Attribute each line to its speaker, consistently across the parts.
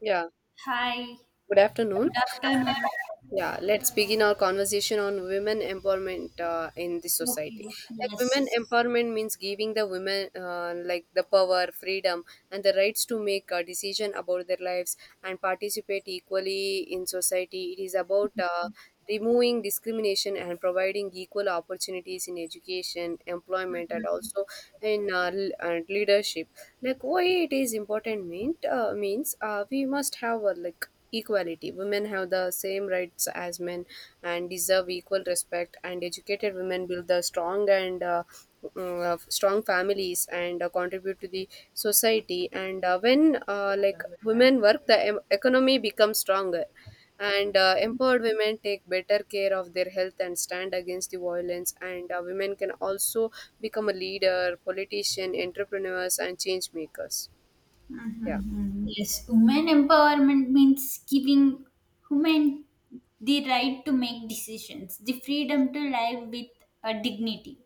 Speaker 1: Yeah,
Speaker 2: Hi,
Speaker 1: good afternoon.
Speaker 2: good afternoon.
Speaker 1: Yeah, let's begin our conversation on women empowerment, in this society.
Speaker 2: Okay,
Speaker 1: Like women
Speaker 2: yes.
Speaker 1: empowerment means giving the women, like, the power, freedom, and the rights to make a decision about their lives and participate equally in society. It is about removing discrimination and providing equal opportunities in education, employment, and also in, and leadership. Like why it is important, means, we must have, like, equality. Women have the same rights as men and deserve equal respect, and educated women build the strong and, strong families, and contribute to the society. And when, like, women work, the economy becomes stronger. And empowered women take better care of their health and stand against the violence, and women can also become a leader, politician, entrepreneurs, and change makers. Yeah.
Speaker 2: Mhm. Yes, women empowerment means giving women the right to make decisions, the freedom to live with a dignity,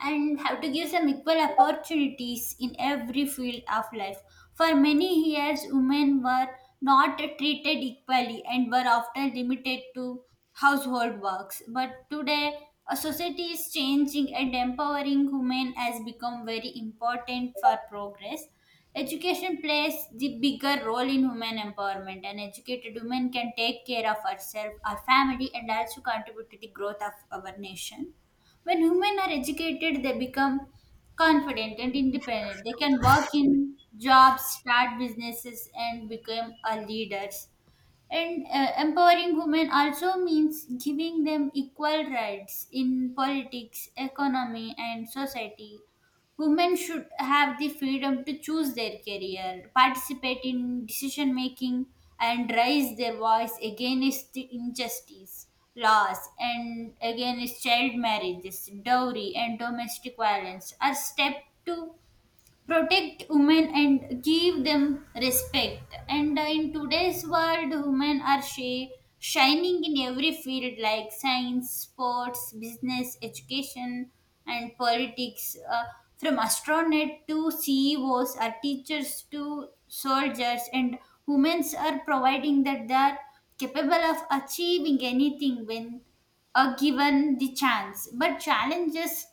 Speaker 2: and have to give some equal opportunities in every field of life. For many years, women were not treated equally and were often limited to household works. But today, a society is changing and empowering women has become very important for progress. Education plays the bigger role in human empowerment. An educated woman can take care of herself, her family, and also contribute to the growth of our nation. When women are educated, they become confident and independent. They can work in jobs, start businesses, and become a leaders. And Empowering women also means giving them equal rights in politics, economy, and society. Women should have the freedom to choose their career, participate in decision making, and raise their voice against the injustice, laws, and against child marriages, dowry, and domestic violence. Are step to protect women and give them respect, and in today's world, women are shining in every field, like science, sports, business, education, and politics, from astronaut to ceos, or teachers to soldiers, and women are providing that they are capable of achieving anything when given the chance. But challenges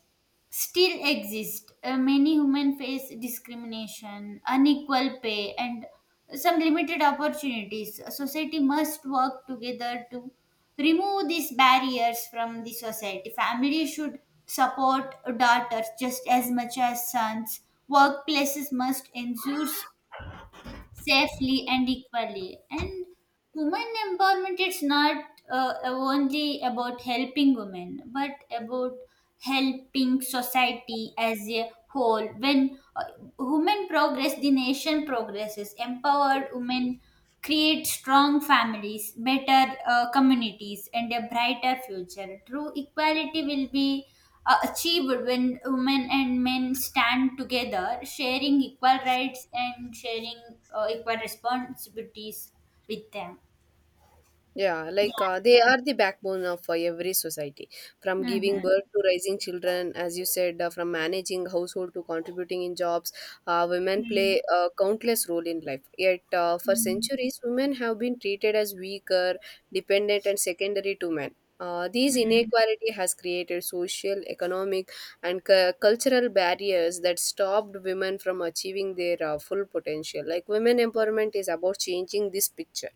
Speaker 2: still exist. Many women face discrimination, unequal pay, and some limited opportunities. Society must work together to remove these barriers from the society. Family should support daughters just as much as sons. Workplaces must ensure safely and equally. And women empowerment is not only about helping women, but about helping society as a whole. When women progress, the nation progresses. Empowered women create strong families, better communities, and a brighter future. True equality will be achieved when women and men stand together, sharing equal rights and sharing equal responsibilities with them.
Speaker 1: Yeah,
Speaker 2: Yeah.
Speaker 1: like, they are the backbone of every society. From giving
Speaker 2: Mm-hmm.
Speaker 1: birth to raising children, as you said, from managing household to contributing in jobs, women play a countless role in life. Yet, for
Speaker 2: Mm-hmm.
Speaker 1: centuries, women have been treated as weaker, dependent, and secondary to men. These
Speaker 2: Mm-hmm.
Speaker 1: inequality has created social, economic, and cultural barriers that stopped women from achieving their full potential. Like women empowerment is about changing this picture.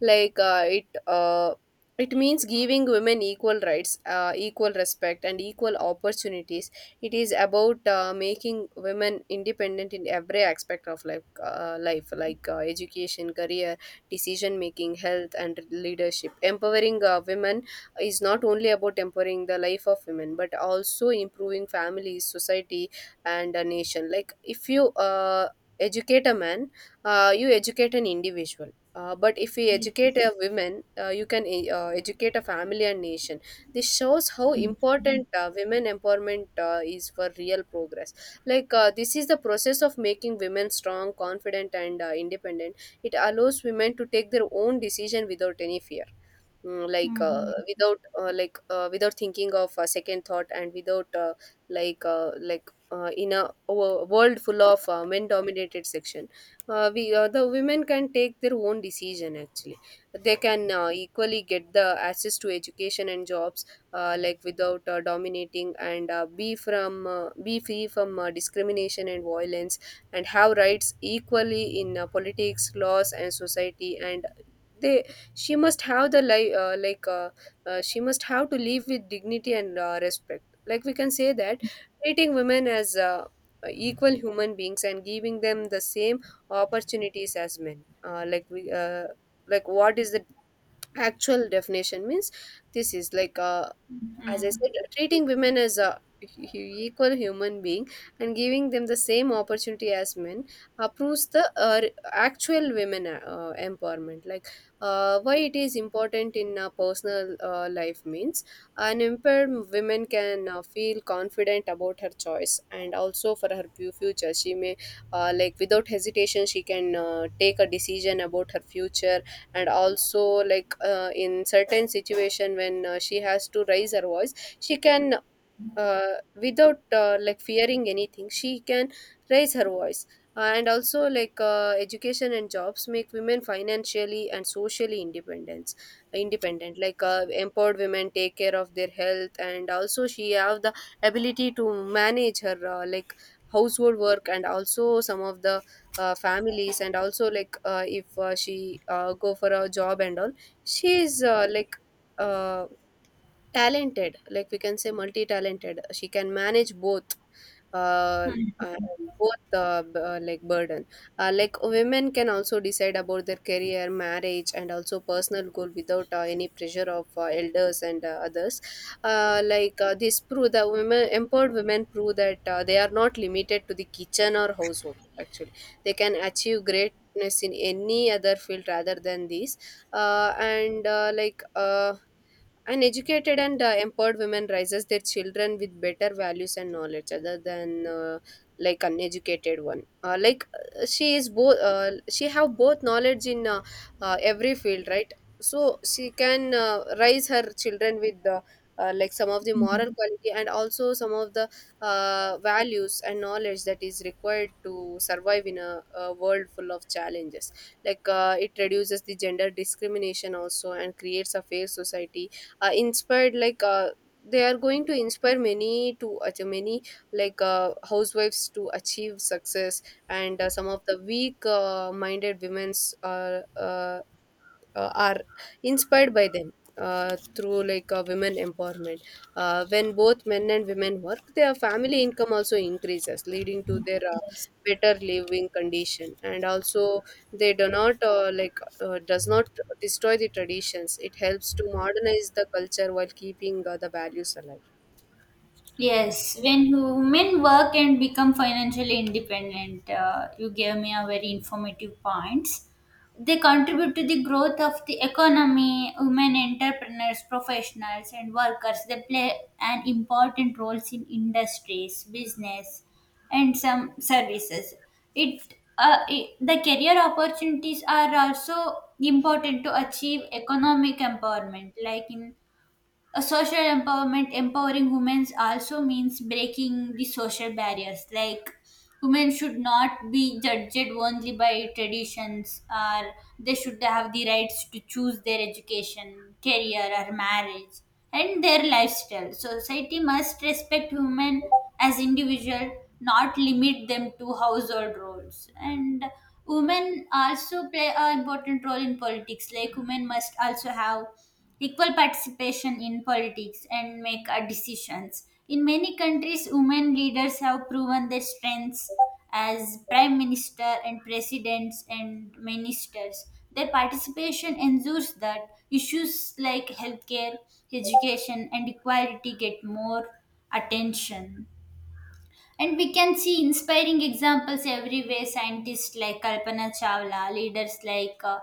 Speaker 1: Like, it means giving women equal rights, equal respect, and equal opportunities. It is about making women independent in every aspect of life, like, education, career, decision making, health, and leadership. Empowering, women is not only about empowering the life of women, but also improving families, society, and a nation. Like, if you, educate a man, you educate an individual. But if we educate a women, you can educate a family and nation. This shows how important women empowerment is for real progress. Like, this is the process of making women strong, confident, and independent. It allows women to take their own decision without any fear. Like, without, like, without thinking of a second thought, and without in a world full of men dominated section, we, the women can take their own decision. Actually they can equally get the access to education and jobs, like, without dominating, and be free from discrimination and violence, and have rights equally in politics, laws, and society. And they she must have the li- like she must have to live with dignity and respect. Like we can say that treating women as, equal human beings and giving them the same opportunities as men. Like we, like, what is the actual definition means? This is like, as I
Speaker 2: Mm-hmm.
Speaker 1: said, treating women as a hu- equal human being, and giving them the same opportunity as men, proves the actual women empowerment. Like why it is important in personal life means an empowered woman can feel confident about her choice, and also for her future. She may like, without hesitation, she can take a decision about her future. And also, like, in certain situation, when she has to raise her voice, she can, without, like fearing anything, she can raise her voice. And also, like, education and jobs make women financially and socially independence independent. Like empowered women take care of their health, and also she have the ability to manage her, like, household work, and also some of the, families, and also, like, if she go for a job and all. She is, like, uh, talented. Like we can say multi-talented, she can manage uh, uh, both like burden. Like women can also decide about their career, marriage, and also personal goal, without any pressure of elders and others. Like, this prove the women empowered women prove that they are not limited to the kitchen or household. Actually they can achieve greatness in any other field rather than these. And, like, an educated and empowered woman raises their children with better values and knowledge, other than like uneducated one. Like she is both she have both knowledge in every field, right? So she can raise her children with the, like, some of the
Speaker 2: Mm-hmm.
Speaker 1: moral quality, and also some of the values and knowledge that is required to survive in a world full of challenges. Like it reduces the gender discrimination also, and creates a fair society. Inspired, like, they are going to inspire many to achieve many, like, housewives to achieve success. And some of the weak, minded women's are inspired by them through, like, women empowerment. When both men and women work, their family income also increases, leading to their better living condition. And also, they do not like does not destroy the traditions. It helps to modernize the culture while keeping the values alive. Yeah,
Speaker 2: Yes, when women work and become financially independent, you gave me a very informative points. They contribute to the growth of the economy. Women entrepreneurs, professionals, and workers, they play an important roles in industries, business, and some services. It, it the career opportunities are also important to achieve economic empowerment. Like in a social empowerment, empowering women also means breaking the social barriers, like women should not be judged only by traditions, or they should have the rights to choose their education, career, or marriage and their lifestyle. So, society must respect women as individual, not limit them to household roles. And women also play an important role in politics. Like women must also have equal participation in politics and make decisions. In many countries, women leaders have proven their strengths as prime minister and presidents and ministers. Their participation ensures that issues like healthcare, education, and equality get more attention. And we can see inspiring examples everywhere, scientists like Kalpana Chawla, leaders like uh,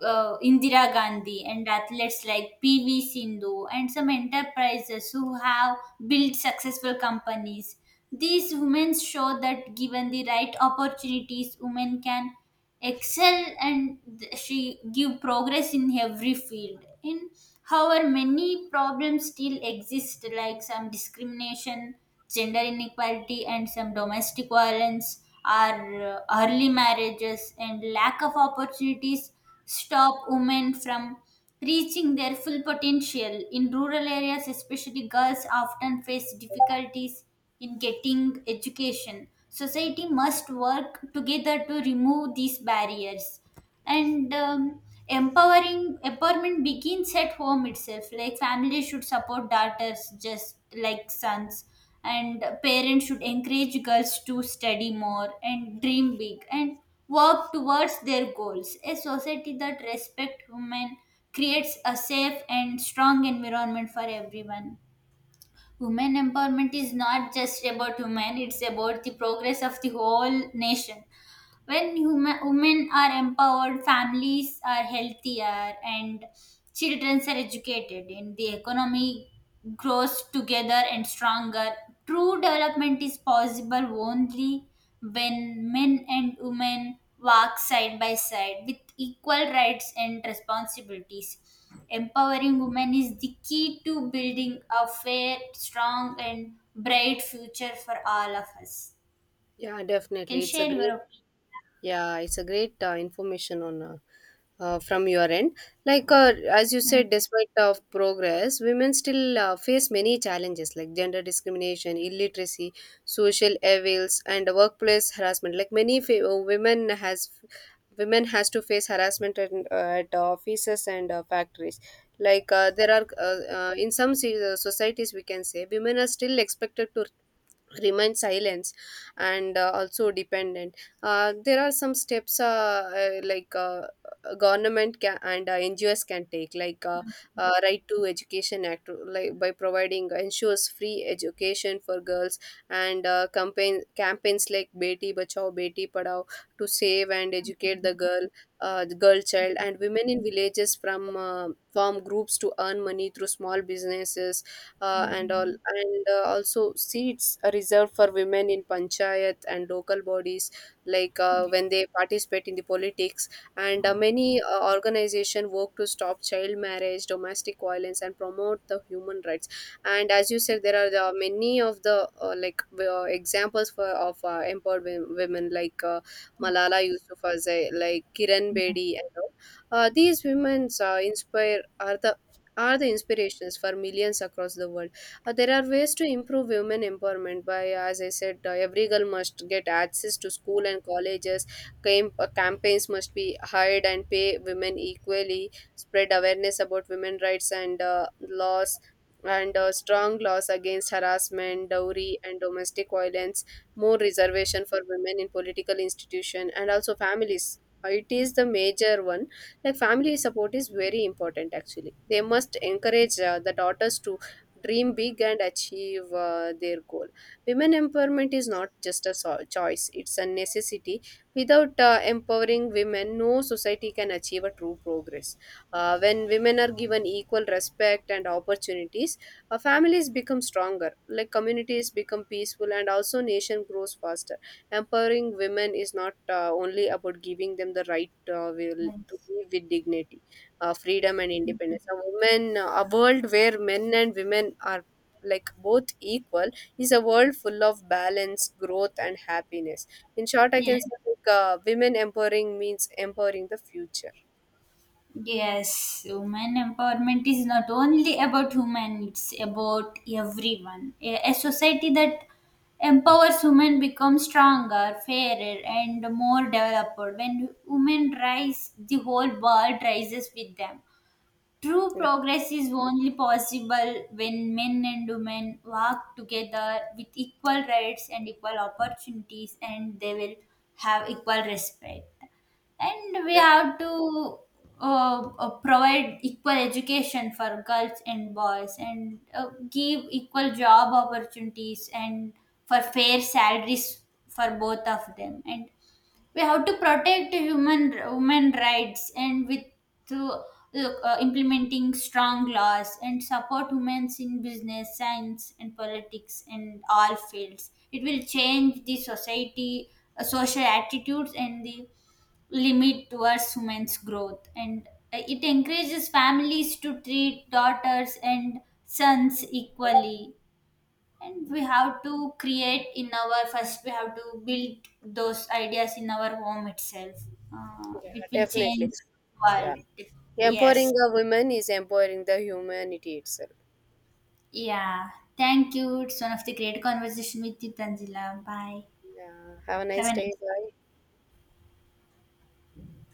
Speaker 2: uh, Indira Gandhi, and athletes like PV Sindhu, and some enterprises who have built successful companies. These women show that given the right opportunities, women can excel and she give progress in every field. In however, many problems still exist, like some discrimination, gender inequality, and some domestic violence, or early marriages and lack of opportunities stop women from reaching their full potential. In rural areas especially, girls often face difficulties in getting education. Society must work together to remove these barriers. And empowering empowerment begins at home itself. Like families should support daughters just like sons, and parents should encourage girls to study more and dream big and work towards their goals. A society that respects women creates a safe and strong environment for everyone. Women empowerment is not just about women, it's about the progress of the whole nation. When human, women are empowered, families are healthier and children are educated, and the economy grows together and stronger. True development is possible only when men and women work side by side with equal rights and responsibilities. Empowering women is the key to building a fair, strong, and bright future for all of us.
Speaker 1: yeah,
Speaker 2: Can
Speaker 1: definitely. It's a
Speaker 2: share your
Speaker 1: great
Speaker 2: opinion.
Speaker 1: Yeah, it's a great information on, from your end. Like as you said, despite of progress, women still face many challenges like gender discrimination, illiteracy, social evils, and workplace harassment. Like many women has to face harassment at offices and factories. Like there are, in some societies, we can say women are still expected to remain silence and also dependent. There are some steps, like, government can, and NGOs can take, like, right to education act, like by providing, ensures free education for girls. And campaigns like Beti Bachao Beti Padhao, to save and educate the girl, the girl child. And women in villages from form groups to earn money through small businesses, and all.
Speaker 2: Mhm.
Speaker 1: And also, seats are reserved for women in panchayat and local bodies, like when they participate in the politics. And many organization work to stop child marriage, domestic violence, and promote the human rights. And as you said, there are the many of the, like, examples for of empowered women, like Malala Yousafzai, like Kiran Bedi, and all. These women, inspire are the inspirations for millions across the world. There are ways to improve women empowerment by, as I said, every girl must get access to school and colleges. Campaigns must be hired and pay women equally. Spread awareness about women rights and laws. And strong laws against harassment, dowry, and domestic violence. More reservation for women in political institution, and also families. It is the major one. Like family support is very important. Actually they must encourage the daughters to dream big and achieve their goal. Women empowerment is not just a choice, it's a necessity. Without empowering women, no society can achieve a true progress. When women are given equal respect and opportunities, families become stronger, like communities become peaceful, and also nation grows faster. Empowering women is not only about giving them the right, will to
Speaker 2: Yes.
Speaker 1: live with dignity, freedom, and independence. A world where men and women are like both equal, is a world full of balance, growth, and happiness. In short, I
Speaker 2: Yeah.
Speaker 1: can say, like, women empowering means empowering the future.
Speaker 2: Yes, women empowerment is not only about women, it's about everyone. A society that empowers women becomes stronger, fairer, and more developed. When women rise, the whole world rises with them. True
Speaker 1: Yeah,
Speaker 2: progress is only possible when men and women work together with equal rights and equal opportunities, and they will have equal respect. And we
Speaker 1: definitely.
Speaker 2: have to provide equal education for girls and boys, and give equal job opportunities and for fair salaries for both of them. And we have to protect human women rights, and with through implementing strong laws and support women in business, science, and politics, and all fields, it will change the society, social attitudes, and the limit towards women's growth. And it encourages families to treat daughters and sons equally. And we have to create in our first we have to build those ideas in our home itself.
Speaker 1: Yeah,
Speaker 2: It will
Speaker 1: definitely.
Speaker 2: change
Speaker 1: Yeah.
Speaker 2: world.
Speaker 1: Empowering
Speaker 2: Yes.
Speaker 1: the women is empowering the humanity itself.
Speaker 2: Yeah, thank you. It's one of the great conversation with you, Tanzila. Bye.
Speaker 1: Yeah. Have a
Speaker 2: Have
Speaker 1: nice
Speaker 2: a
Speaker 1: day.
Speaker 2: nice
Speaker 1: Bye.